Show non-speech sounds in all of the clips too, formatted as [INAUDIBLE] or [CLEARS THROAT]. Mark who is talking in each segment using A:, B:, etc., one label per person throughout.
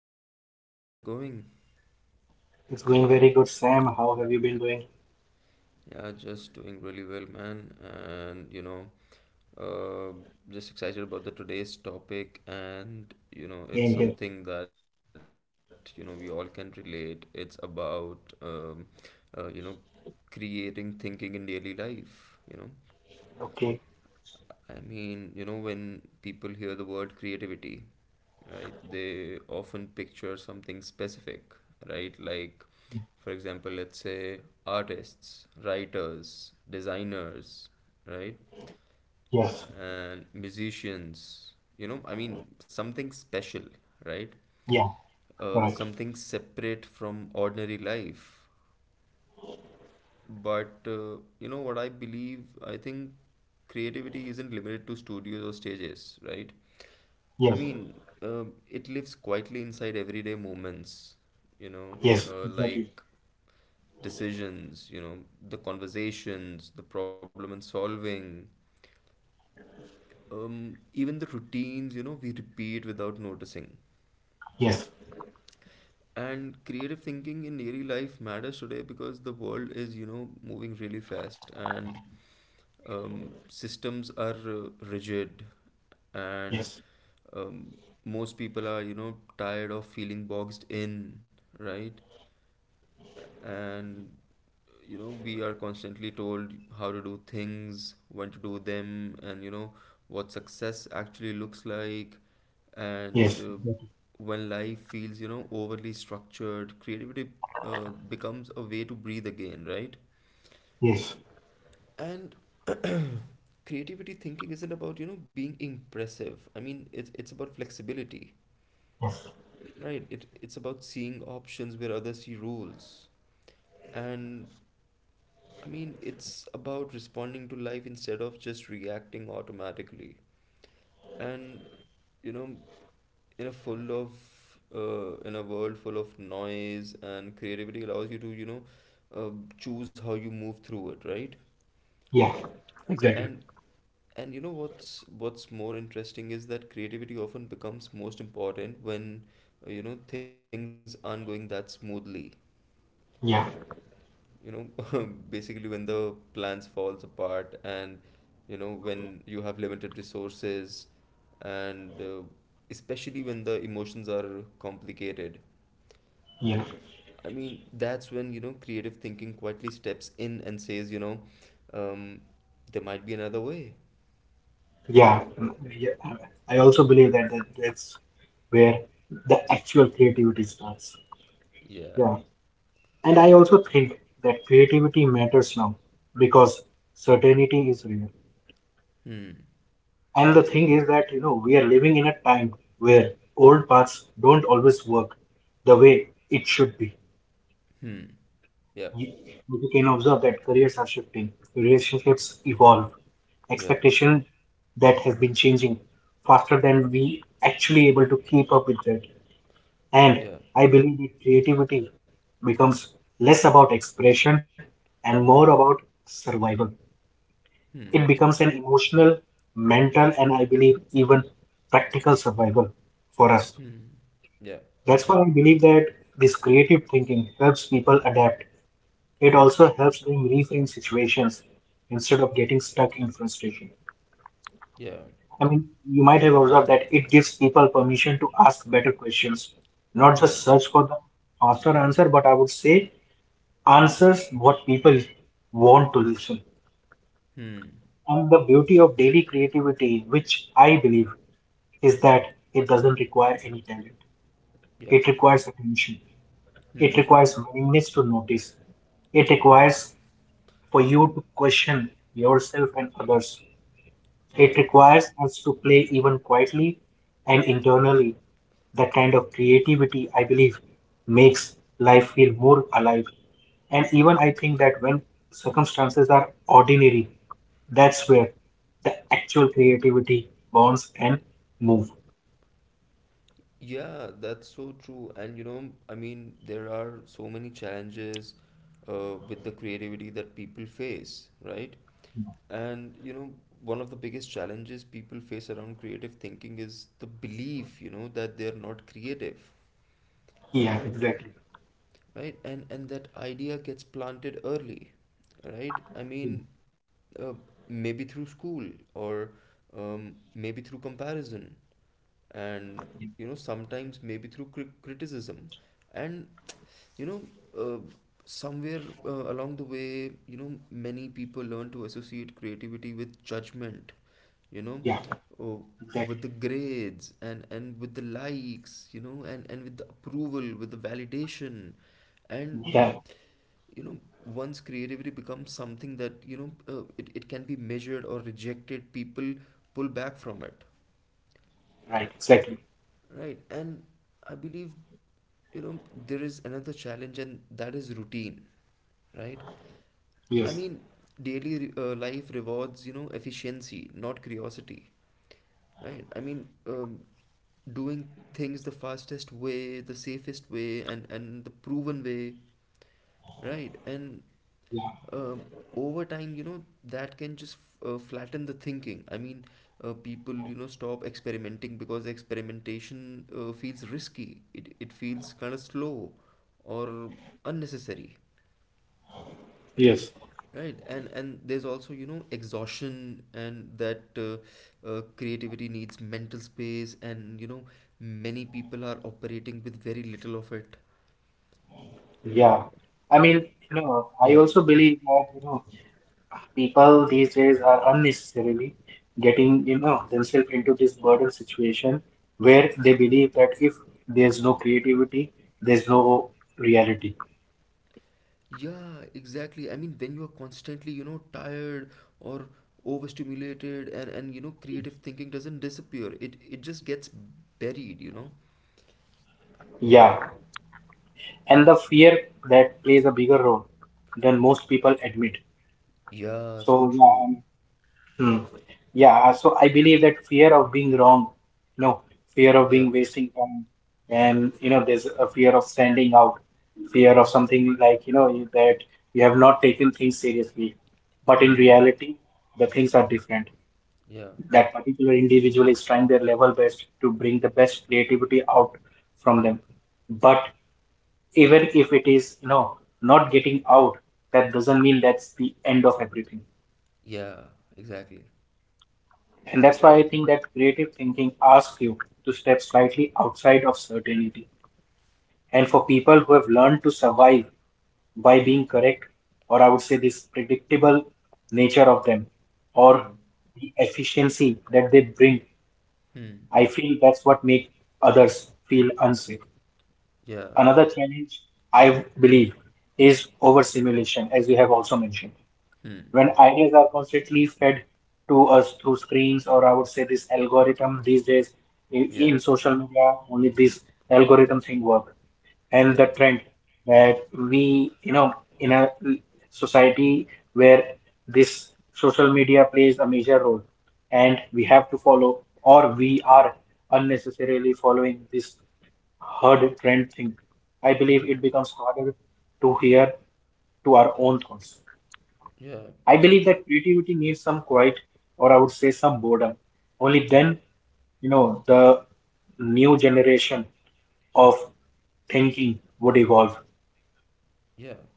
A: another episode. How's it going?
B: It's going very good, Sam. How have you been doing?
A: Yeah, just doing really well, man. And uh, just excited about the today's topic. And
B: Yeah,
A: it's
B: I here.
A: something that we all can relate. It's about uh, you know, creating thinking in daily life.
B: Okay.
A: I mean, when people hear the word creativity, right, they often picture something specific, right? Like, for example, let's say artists, writers, designers, right?
B: Yes.
A: And musicians, I mean, something special, right?
B: Yeah. Correct.
A: Something separate from ordinary life. But, what I believe, I think creativity isn't limited to studios or stages, right? I
B: Yes.
A: mean, it lives quietly inside everyday moments, you know,
B: Yes. Exactly.
A: like decisions, the conversations, the problem and solving, even the routines, we repeat without noticing.
B: Yes.
A: And creative thinking in daily life matters today because the world is, moving really fast, and systems are rigid, and
B: Yes.
A: um, most people are tired of feeling boxed in, right. And we are constantly told how to do things, when to do them, and what success actually looks like. And
B: Yes. Exactly.
A: when life feels overly structured, creativity becomes a way to breathe again, right.
B: Yes.
A: And [CLEARS THROAT] creativity thinking isn't about being impressive. I mean, it's about flexibility,
B: Yes.
A: right. It's about seeing options where others see rules. And I mean, it's about responding to life instead of just reacting automatically. And you know in a full of in a world full of noise, and creativity allows you to uh, choose how you move through it, right.
B: Yeah. Exactly.
A: And what's more interesting is that creativity often becomes most important when things aren't going that smoothly.
B: Yeah.
A: [LAUGHS] Basically when the plans falls apart, and when you have limited resources, and especially when the emotions are complicated.
B: Yeah.
A: I mean, that's when creative thinking quietly steps in and says, um, there might be another way.
B: Yeah. Yeah. I also believe that, that's where the actual creativity starts.
A: Yeah.
B: Yeah. And I also think that creativity matters now because certainty is rare.
A: Hmm.
B: And the thing is that, we are living in a time where old paths don't always work the way it should be.
A: Hmm. Yeah.
B: You, you can observe that careers are shifting, relationships evolve,
A: Yeah.
B: expectation that has been changing faster than we actually able to keep up with that. And
A: Yeah.
B: I believe that creativity becomes less about expression and more about survival.
A: Hmm.
B: It becomes an emotional, mental, and I believe even practical survival for us.
A: Hmm. Yeah.
B: That's why I believe that this creative thinking helps people adapt. It
A: Hmm.
B: also helps them reframe situations instead of getting stuck in frustration.
A: Yeah.
B: I mean, you might have observed that it gives people permission to ask better questions, not
A: Yeah.
B: just search for the faster answer, but I would say answers what people want to listen.
A: Hmm.
B: And the beauty of daily creativity, which I believe is that it doesn't require any talent.
A: Yeah.
B: It requires attention. It
A: Hmm.
B: requires willingness to notice. It
A: Yeah.
B: requires for you to question yourself and others.
A: Yeah.
B: It requires us to play even quietly and internally. That kind of creativity, I believe, makes life feel more alive. And even I think that when circumstances are ordinary, that's where the actual creativity bonds and move.
A: Yeah, that's so true. And I mean, there are so many challenges with the creativity that people face, right? And one of the biggest challenges people face around creative thinking is the belief, that they're not creative.
B: Yeah, exactly.
A: Right. And that idea gets planted early, right. I mean, uh, maybe through school, or maybe through comparison, and sometimes maybe through criticism, and you know uh, somewhere along the way, many people learn to associate creativity with judgment, you know
B: Yeah,
A: uh,
B: exactly.
A: with the grades, and with the likes, and with the approval, with the validation. And
B: Yeah,
A: you know once creativity becomes something that it can be measured or rejected, people pull back from it,
B: right, exactly.
A: right. And I believe there is another challenge, and that is routine, right. I
B: Yes,
A: mean, daily life rewards efficiency, not curiosity, right. I mean, doing things the fastest way, the safest way, and the proven way, right. And
B: yeah,
A: um, over time, that can just flatten the thinking. I mean, people stop experimenting, because experimentation feels risky, it feels kind of slow or unnecessary,
B: yes,
A: right. And there's also exhaustion, and that creativity needs mental space, and many people are operating with very little of it,
B: yeah.
A: right.
B: I
A: Yeah.
B: also believe that, people these days are unnecessarily getting, themselves into this burden situation where they believe that if there's no creativity, there's no reality.
A: Yeah, exactly. I mean, when you are constantly, tired or overstimulated, and creative thinking doesn't disappear. It just gets buried, you know?
B: Yeah. And the fear that plays a bigger role than most people admit.
A: Yeah,
B: So,
A: so true.
B: yeah. Hmm. Yeah, so I believe that fear of being wrong, you know, fear of
A: Yeah.
B: being wasting time, and there's a fear of standing out, fear of something like, that you have not taken things seriously. But in
A: Hmm.
B: reality, the things are different.
A: Yeah.
B: That particular individual is trying their level best to bring the best creativity out from them. But even if it is, not getting out, that doesn't mean that's the end of everything.
A: Yeah, exactly.
B: And that's why I think that creative thinking asks you to step slightly outside of certainty. And for people who have learned to survive by being correct, or I would say this predictable nature of them, or
A: Hmm.
B: the efficiency that they bring,
A: Hmm.
B: I feel that's what makes others feel unsafe.
A: Yeah.
B: Another challenge I believe is overstimulation, as we have also mentioned.
A: Hmm.
B: When ideas are constantly fed to us through screens, or I would say this algorithm these days in,
A: Yeah.
B: social media, only this algorithm thing work,
A: Yeah.
B: and the trend that we, in a society where this social media plays a major role and we have to follow, or we are unnecessarily following this herd trend thing, I believe
A: Yeah.
B: it becomes harder to hear to our own thoughts.
A: Yeah.
B: I believe that creativity needs some quiet, or I would say some boredom. Only
A: Yeah.
B: then, the new generation of thinking would evolve.
A: Yeah.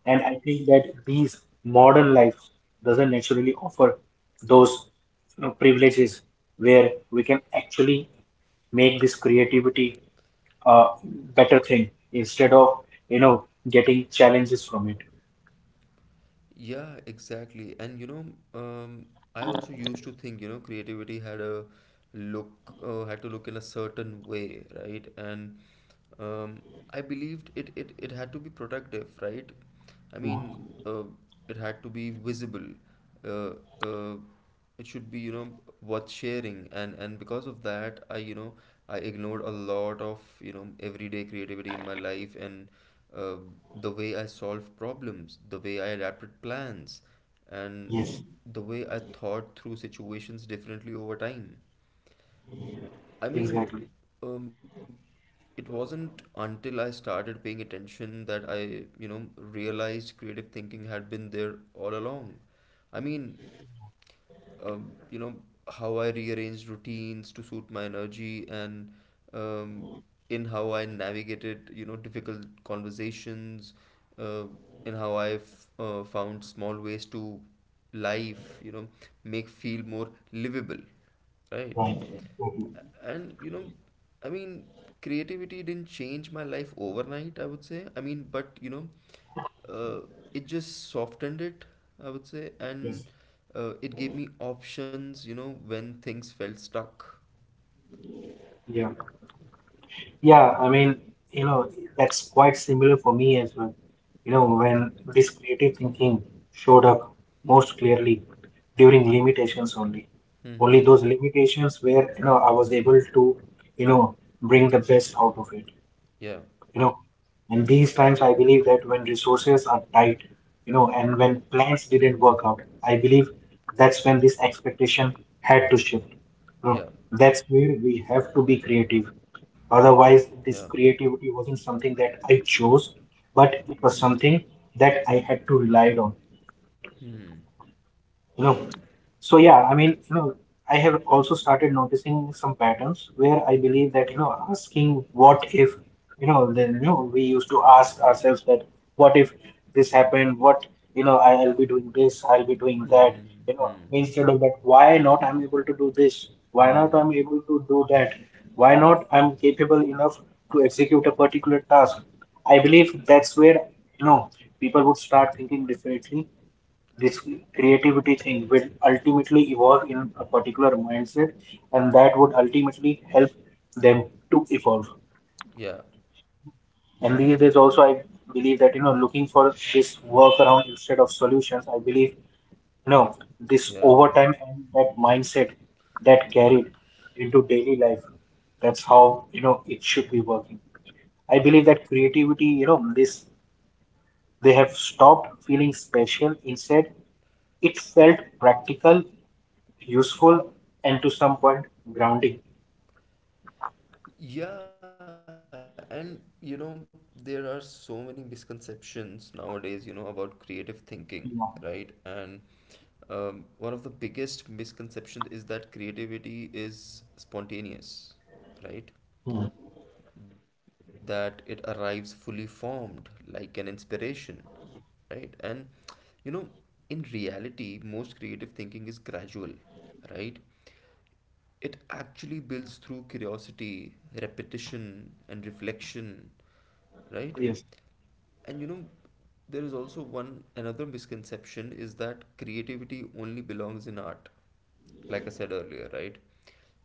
B: And I think that these modern lives doesn't naturally offer those privileges where we can actually make this creativity a better thing instead of, you know, getting challenges from it.
A: Yeah, exactly. And um, I also used to think, creativity look, had to look in a certain way, right? And um, I believed it had to be productive, right? I mean, it had to be visible. Uh, uh, it should be, worth sharing. And because of that, I ignored a lot of, everyday creativity in my life, and uh, the way I solved problems, the way I adapted plans, and
B: Yes,
A: the way I thought through situations differently over time. I
B: exactly.
A: mean, um, it wasn't until I started paying attention that I realized creative thinking had been there all along. I mean, um, you know, how I rearranged routines to suit my energy, and um, in how I navigated, difficult conversations, uh, in how I've found small ways to life, make feel more livable, right?
B: Right. Okay.
A: And I mean, creativity didn't change my life overnight, I would say. I mean, but uh, it just softened it, I would say.
B: Yes.
A: And it gave me options when things felt stuck.
B: Yeah. Yeah, I mean, you know, that's quite similar for me as well. When this creative thinking showed up most clearly during limitations only. Only
A: Hmm.
B: those limitations where, I was able to, you know, bring the best out of it.
A: Yeah.
B: you know and these times I believe that when resources are tight, and when
A: Hmm.
B: plans didn't work out, I believe that's when this expectation had to shift,
A: Yeah.
B: that's where we have to be creative. Otherwise
A: Yeah.
B: this creativity wasn't something that I chose, but it was
A: Hmm.
B: something that I had to rely on,
A: Hmm.
B: you know so yeah, I mean, I have also started noticing some patterns where I believe that, asking what if, we used to ask ourselves that what if this happened? What, you know, I- I'll be doing this, I'll be doing that,
A: Hmm.
B: instead of
A: Hmm.
B: that, why not I'm able to do this? Why not I'm able to
A: Hmm.
B: do that? Why not I'm capable enough to execute a particular task? I believe that's where, you know, people would start thinking differently. This creativity thing will ultimately evolve in a particular mindset, and that would ultimately help them to evolve.
A: Yeah.
B: And these days also I believe that looking for this workaround instead of solutions, I believe you know this overtime and
A: Yeah.
B: that mindset that carried into daily life, that's how it should be working. I believe that creativity, this, they have stopped feeling special. Instead, it felt practical, useful, and to some point, grounding.
A: Yeah, and there are so many misconceptions nowadays, about creative thinking,
B: Yeah.
A: right? And one of the biggest misconceptions is that creativity is spontaneous, right? That it arrives fully formed, like an inspiration, right? And you know, in reality, most creative thinking is gradual, right. It actually builds through curiosity, repetition, and reflection, right?
B: Yes.
A: And there is also one another misconception, is that creativity only belongs in art, like I said earlier, right?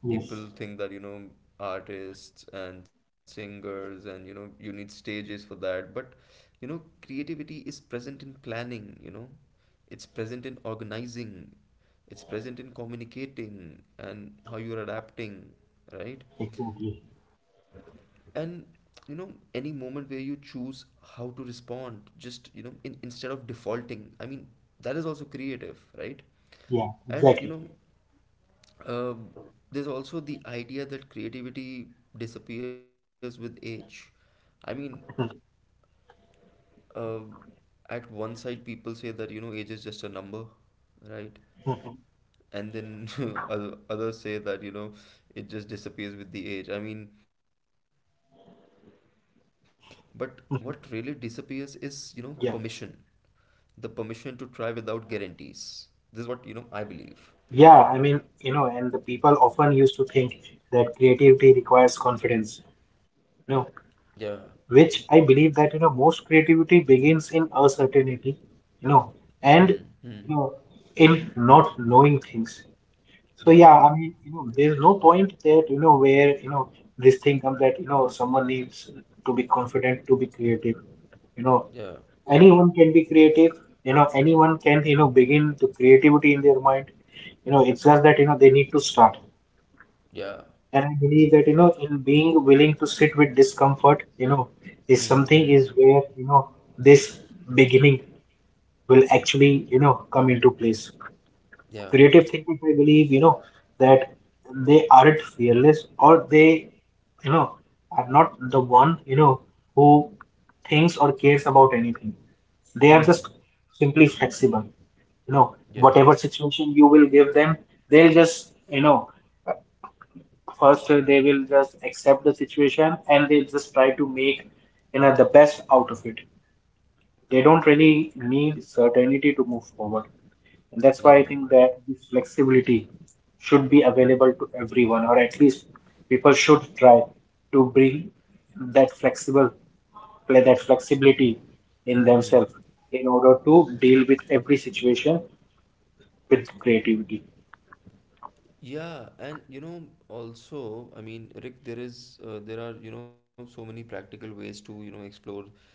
B: Yes,
A: People think that, artists and singers and, you need stages for that. But, creativity is present in planning, it's present in organizing, it's present in communicating and how you're adapting, right?
B: exactly.
A: And, any moment where you choose how to respond, just, instead of defaulting, I mean, that is also creative, right?
B: Yeah,
A: And
B: exactly.
A: um, there's also the idea that creativity disappears with age. I mean, um at one side, people say that, age is just a number, right?
B: [LAUGHS]
A: And then [LAUGHS] others say that, it just disappears with the age. I mean, but what really disappears is, permission. The permission
B: Yeah.
A: to try without guarantees. This is what, I believe.
B: Yeah, I mean, and the people often used to think that creativity requires confidence,
A: Yeah.
B: you know, which I believe that, most creativity begins in uncertainty, you know,
A: Hmm.
B: and,
A: Hmm.
B: you know, in not knowing things.
A: Yeah.
B: So yeah, I mean, there's no point that, this thing comes that, someone needs to be confident to be creative. You
A: Yeah.
B: know, anyone can be creative, anyone can, begin the creativity in their mind. It's just that, they need to start.
A: Yeah.
B: And I believe that,
A: Exactly.
B: in being willing to sit with discomfort,
A: Hmm.
B: is
A: Hmm. Hmm.
B: something is where, this beginning will actually, come into place.
A: Yeah.
B: Creative thinkers, I believe, that they aren't fearless, or they, you know, are not the one, who thinks or cares about anything. They
A: Hmm.
B: are just simply flexible.
A: Yeah.
B: Whatever situation you will give them, they'll just, first, they will just accept the situation, and they'll just try to make, the best out of it. They don't really need certainty to move forward. And that's why
A: Yeah.
B: I think that the flexibility should be available to everyone, or at least people should try to bring that flexible play that flexibility in
A: Hmm.
B: themselves in order to deal with every situation with creativity.
A: Yeah. And also, I mean, Rick, there are, so many practical ways to, explore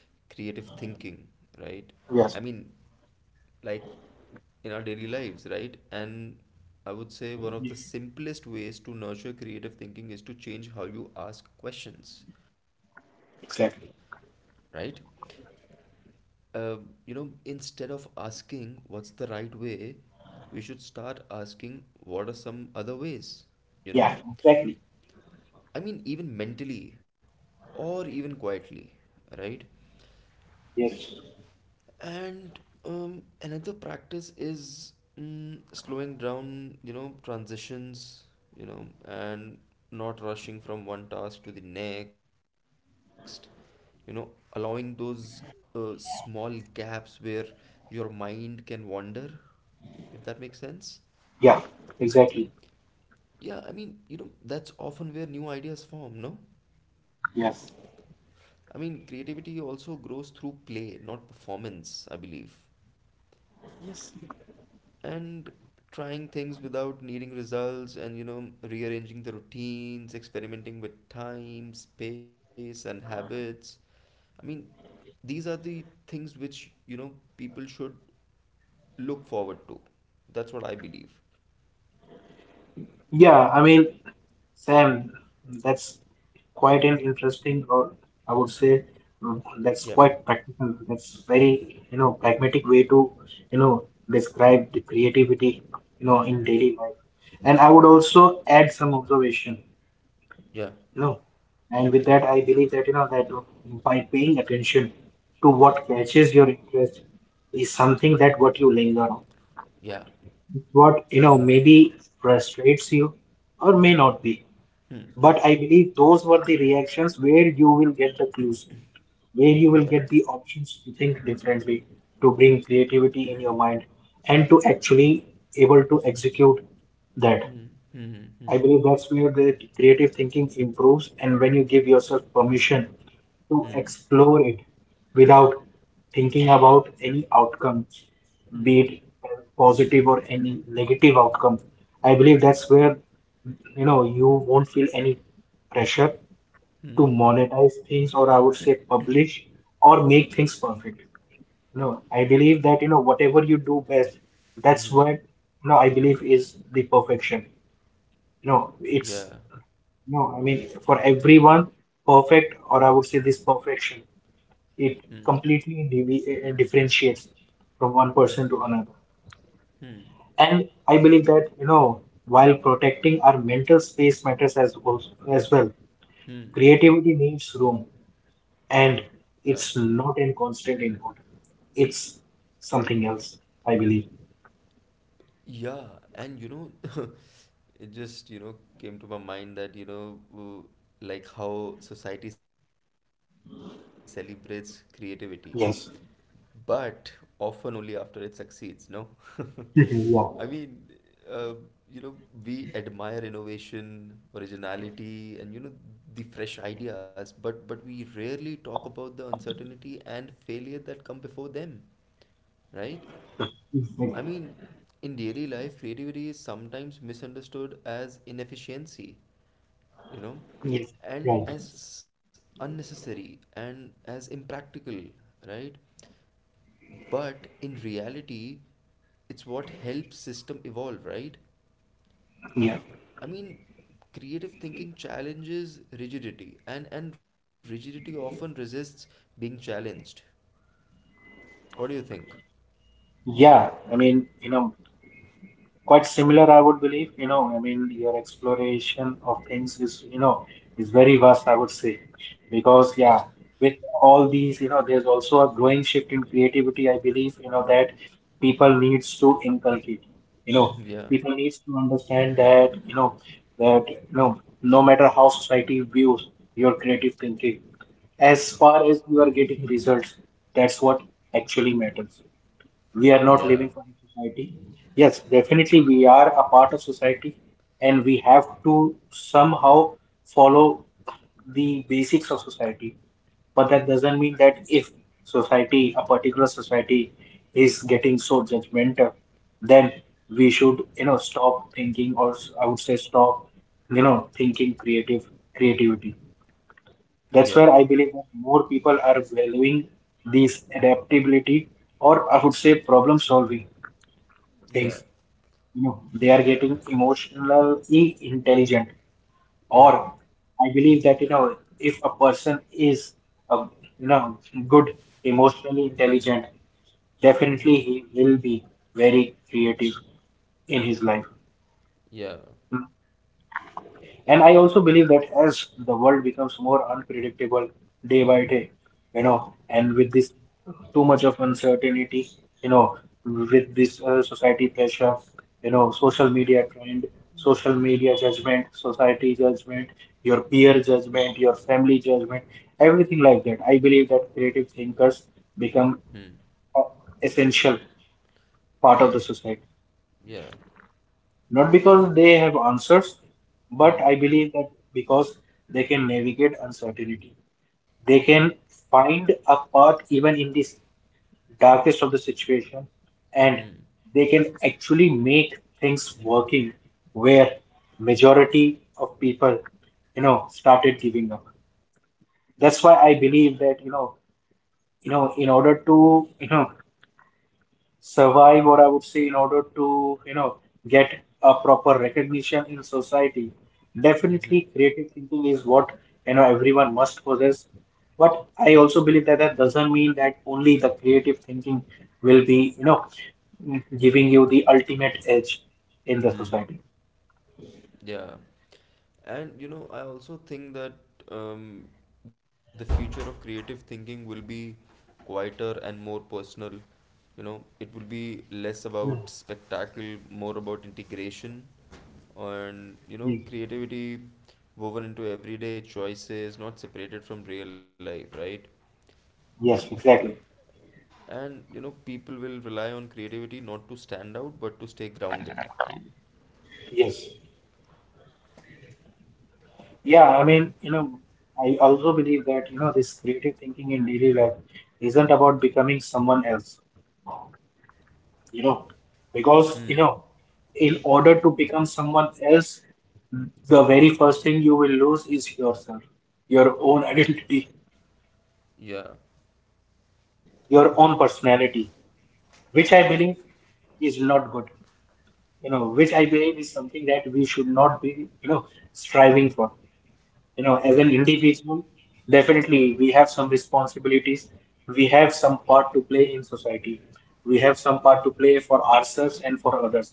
A: creative thinking, right? I
B: Yes,
A: mean, like in our daily lives, right? And I would say one of the simplest ways to nurture creative thinking is to change how you ask questions, right?
B: exactly.
A: Uh, Instead of asking what's the right way, we should start asking what are some other ways, you know?
B: Yeah, exactly.
A: I mean, even mentally or even quietly, right?
B: Yes.
A: And another practice is slowing down transitions, and not rushing from one task to the next, you know allowing those small gaps where your mind can wander, if that makes sense.
B: Yeah, exactly.
A: Yeah. I mean, that's often where new ideas form, no?
B: Yes.
A: I mean, creativity also grows through play, not performance, I believe.
B: Yes.
A: And trying things without needing results, and rearranging the routines, experimenting with time, space and habits, I mean, these are the things which, people should look forward to. That's what I believe.
B: Yeah, I mean, Sam, that's quite an interesting, or I would say,
A: Yeah.
B: that's quite practical. That's very, pragmatic way to, you know, describe the creativity,
A: Hmm.
B: in daily life. And I would also add some observation,
A: Yeah.
B: you know, and with that, I believe that, by paying attention to what catches your interest is something that what you linger on,
A: Yeah.
B: maybe frustrates you or may not be. But I believe those were the reactions where you will get the clues, where you
A: Yeah.
B: will get the options to think differently, to bring creativity in your mind, and to actually able to execute that.
A: Hmm. Hmm.
B: I
A: Hmm.
B: believe that's where the creative thinking improves, and when you give yourself permission to
A: Hmm.
B: explore it without thinking about any outcome, be it positive or any negative outcome. I believe that's where you won't feel any pressure to
A: Hmm.
B: monetize things, or I would say publish, or make things perfect. I believe that whatever you do best,
A: Hmm.
B: that's
A: Hmm.
B: what I believe is the perfection. It's
A: Yeah.
B: no, I mean, for everyone, perfect, or I would say this perfection, it
A: Hmm.
B: completely differentiates from one
A: Hmm.
B: person to another.
A: Hmm.
B: And I believe that, while protecting our mental space matters as well,
A: Hmm.
B: creativity needs room, and
A: Yeah.
B: it's not in constant input. It's something else, I believe.
A: Yeah. And [LAUGHS] it just, came to my mind that, like how society celebrates creativity,
B: Yes.
A: but often only after it succeeds, no? [LAUGHS]
B: [LAUGHS]
A: I
B: Mhm,
A: mean, uh, you know we admire innovation, originality, and the fresh ideas, but we rarely talk about the uncertainty and failure that come before them, right. I
B: Yeah.
A: mean, in daily life, creativity is sometimes misunderstood as inefficiency, you know
B: Exactly. Yes.
A: and
B: Right.
A: as unnecessary and as impractical, right. But in reality, it's what helps system evolve, right.
B: Yeah.
A: I mean, creative thinking challenges rigidity, and rigidity often resists being challenged. What do you think?
B: Yeah. I mean, quite similar, I would believe. I mean, your exploration of things is, is very vast, I would say,
A: [LAUGHS] Yeah.
B: because yeah, with all these, there's also a growing shift in creativity. I believe, that people needs to inculcate. You
A: [COUGHS]
B: know,
A: Yeah.
B: people needs to understand that, no matter how society views your creative thinking, as
A: Hmm.
B: far as you are getting results, that's what actually matters. We are not
A: Yeah.
B: living for the society. Yes, definitely we are a part of society and we have to somehow follow the basics of society. But that doesn't mean that if society, a particular society is getting so judgmental, then we should, stop thinking, or I would say stop, thinking creative creativity.
A: Yeah.
B: That's where I believe that more people are valuing these adaptability or I would say problem solving
A: Yeah.
B: things. You know, they are getting emotionally intelligent.
A: Yeah.
B: Or I believe that, you know, if a person is, uh, you know, good, emotionally intelligent,
A: Hmm.
B: definitely he will be very creative in his life.
A: Yeah.
B: And I also believe that as the world becomes more unpredictable day by day, you
A: Hmm.
B: know, and with this too much of uncertainty, you know, with this society pressure, you know, social media trend, social media judgment, society judgment, your peer judgment, your family judgment, everything like that. I believe that creative thinkers become
A: Hmm.
B: uh, essential
A: Yeah.
B: part of the society.
A: Yeah.
B: Not because they have answers, but
A: Hmm.
B: I believe that because they can navigate uncertainty. They can find a path even in this darkest of the situation,
A: Hmm.
B: and they can actually make things working where majority of people, you know, started giving up. That's why I believe that, you know, in order to, you know, survive or I would say in order to, you know, get a proper recognition in society,
A: Mm-hmm.
B: definitely creative thinking is what, you know, everyone must possess. But I also believe that that doesn't mean that only the creative thinking will be, you know, giving you the ultimate edge in the
A: Mm.
B: society.
A: Yeah. And I also think that um, the future of creative thinking will be quieter and more personal. It will be less about spectacle, more about integration, and,
B: Yes,
A: creativity woven into everyday choices, not separated from real life, right?
B: Yes, exactly.
A: And, people will rely on creativity not to stand out, but to stay grounded.
B: Yes. Yeah, I mean, you know, I also believe that, you know, this creative thinking in daily life isn't about becoming someone else. You know, because,
A: Hmm.
B: you know, in order to become someone else, the very first thing you will lose is yourself, your own identity,
A: Yeah.
B: your own personality,
A: Yeah.
B: which I believe is not good. You know, which I believe is something that we should not be, you know, striving for. You
A: Yeah.
B: know, as an individual, definitely we have some responsibilities. We have some part to play in society. We have some part to play for ourselves and for others.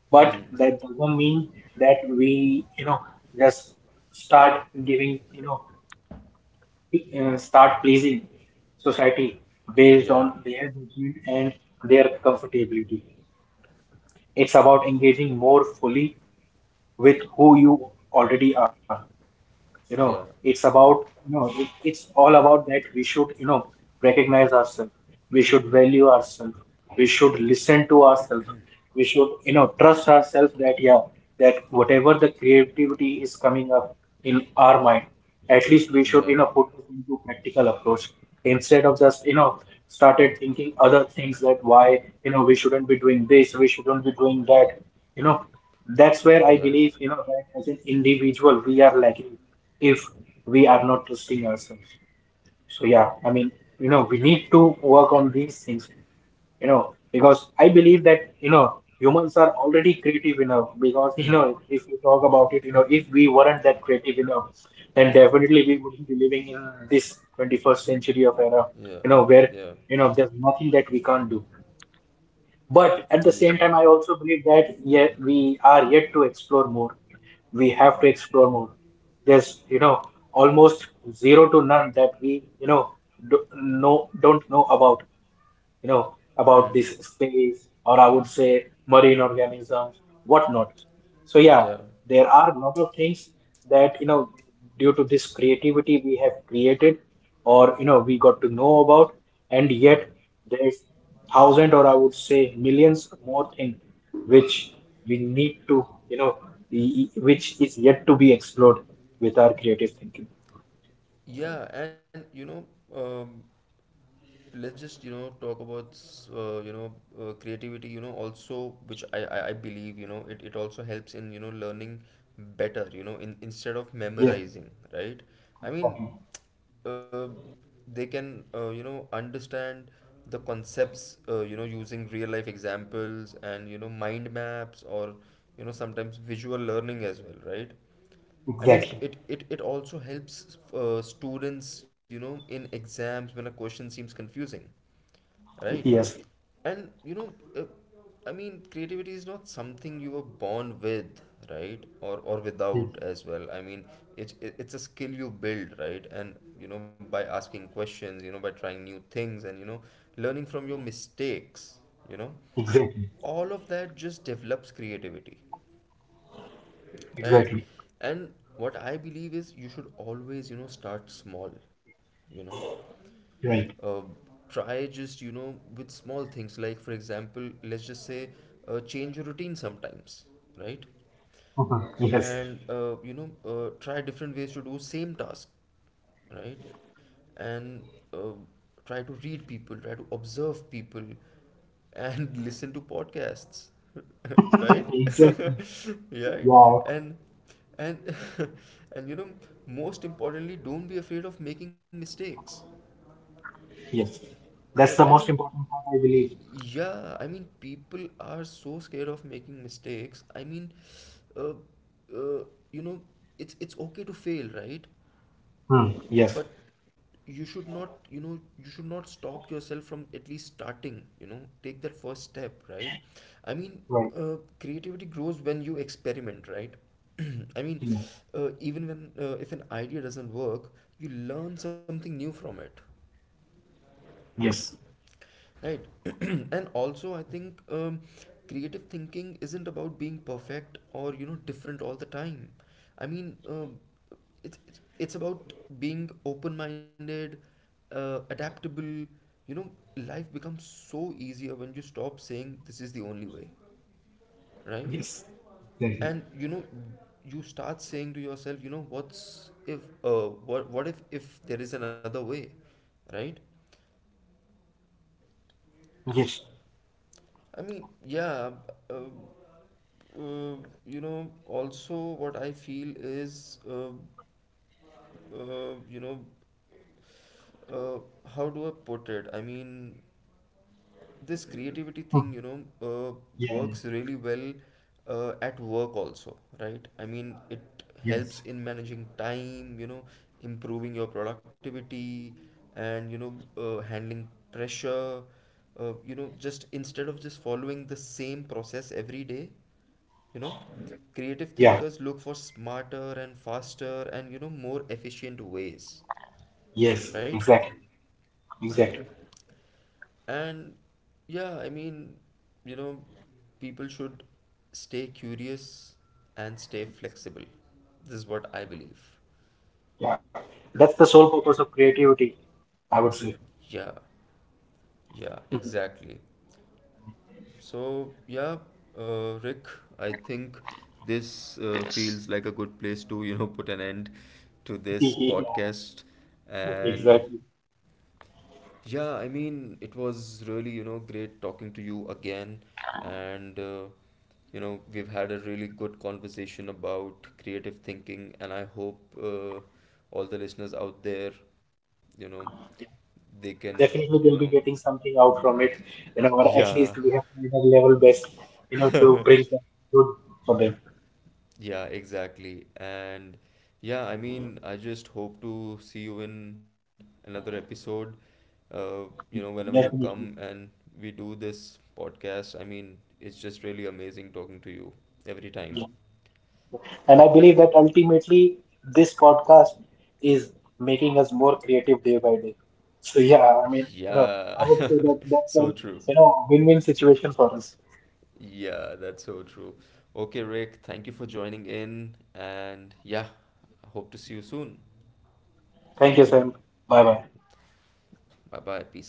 A: Hmm.
B: But that doesn't mean that we, you know, just start giving, you know, start pleasing society
A: Yeah.
B: based on their judgment and their comfortability. It's about engaging more fully with who you already are. You know,
A: Yeah.
B: it's about, you know, it's all about that we should, you know, recognize ourselves. We should value ourselves. We should listen to ourselves. We should, you know, trust ourselves that yeah, that whatever the creativity is coming up in our mind, at least we
A: Yeah.
B: should, you know, put it into practical approach, instead of just, you know, started thinking other things that why, you know, we shouldn't be doing this, we shouldn't be doing that. You know, that's where
A: Yeah.
B: I believe, you know, that as an individual, we are lacking if we are not trusting ourselves. So, yeah, I mean, you know, we need to work on these things, you know, because I believe that, you know, humans are already creative enough because,
A: Hmm.
B: [LAUGHS] you know, if we talk about it, you know, if we weren't that creative enough, then
A: Yeah.
B: definitely we wouldn't be living in this 21st century of era,
A: Yeah.
B: you know, where,
A: Yeah.
B: you know, there's nothing that we can't do. But at the
A: Yeah.
B: same time, I also believe that yet we are yet to explore more. We have to explore more. There's, you know, almost zero to none that we, you know, don't know about, you know,
A: Hmm.
B: about this space, or I would say marine organisms, whatnot. So yeah,
A: Yeah.
B: there are a lot of things that, you know, due to this creativity we have created or, you know, we got to know about, and
A: Yeah.
B: yet there's thousand or I would say millions more things which we need to, you know, which is yet to be explored with our creative thinking.
A: Yeah. And um, let's just talk about creativity, also, which I believe, it, it also helps in learning better, in instead of
B: Yes,
A: memorizing, right? I mean, uh, they can, understand the concepts, using real life examples and, mind maps, or sometimes visual learning as well, right? I
B: exactly.
A: mean,
B: Exactly.
A: it also helps, students, you know, in exams when a question seems confusing, right?
B: Yes,
A: And uh, I mean, creativity is not something you were born with, right? Or without as well. I mean, it's a skill you build, right? And, by asking questions, by trying new things, and learning from your mistakes you know
B: exactly.
A: all of that just develops creativity, right?
B: Exactly.
A: And what I believe is, you should always, start small, you know.
B: Right.
A: uh, Try just, with small things, like for example, let's just say, change your routine sometimes, right?
B: Mhm. Yes.
A: And, try different ways to do same task, right? And, uh, try to read people, try to observe people, and [LAUGHS] listen to podcasts. [LAUGHS] Right. [LAUGHS]
B: Exactly.
A: Right.
B: Yeah.
A: and and [LAUGHS] and most importantly, don't be afraid of making mistakes,
B: Yes.
A: right?
B: That's
A: I
B: the
A: mean,
B: most important part, I believe.
A: yeah, I mean, people are so scared of making mistakes. I mean, uh, uh, you know, it's okay to fail, right?
B: Hmm. Yes.
A: But you should not, you should not stop yourself from at least starting. You know, take that first step, right? I mean,
B: Right.
A: uh, creativity grows when you experiment, right? [CLEARS THROAT] I mean,
B: Yes.
A: even when, if an idea doesn't work, you learn something new from it.
B: Yes.
A: Right. [CLEARS THROAT] And also, I think, creative thinking isn't about being perfect, or, you know, different all the time. I mean, it's, it's about being open minded, adaptable. You know, life becomes so easier when you stop saying this is the only way, right?
B: Yes. Exactly.
A: And, you know, you start saying to yourself, you know, what if there is another way, right?
B: Yes.
A: I mean, yeah. Uh, uh, you know, also, what I feel is, uh, you know, uh, how do I put it? I mean, this creativity thing, you know,
B: Yeah.
A: works really well, at work also, right? I mean, it helps
B: Yes.
A: in managing time, you know, improving your productivity, and, handling pressure. You know, just instead of just following the same process every day, you know creative
B: Yeah.
A: thinkers look for smarter and faster and, more efficient ways,
B: Yes.
A: right?
B: Exactly. Exactly.
A: And yeah, I mean, you know people should stay curious and stay flexible. This is what I believe.
B: Yeah. That's the sole purpose of creativity, I would say.
A: Yeah, yeah, exactly. So yeah, Rick, I think this, feels like a good place to, put an end to
B: [LAUGHS]
A: this
B: Yeah.
A: podcast. And
B: Exactly.
A: yeah, I mean, it was really, you know, great talking to you again. And, you know, we've had a really good conversation about creative thinking. And I hope, all the listeners out there, you know, they can, you
B: Definitely,
A: know,
B: we'll be getting something out from it, you know, or at
A: yeah.
B: least we have made our level best, you know, to
A: [LAUGHS]
B: bring something good for them.
A: Yeah, exactly. And yeah, I mean, I just hope to see you in another episode. uh, you know, whenever you come
B: Definitely.
A: and we do this podcast, I mean, it's just really amazing talking to you every time.
B: And I believe that ultimately this podcast is making us more creative day by day. So yeah, I mean, you
A: Yeah,
B: know, I would say
A: [LAUGHS]
B: that
A: so
B: that's
A: true.
B: a you know win-win situation for us.
A: Yeah, that's so true. Okay, Rick, thank you for joining in. And yeah, hope to see you soon.
B: Thank you, Sam. Bye bye.
A: Bye bye. Peace out.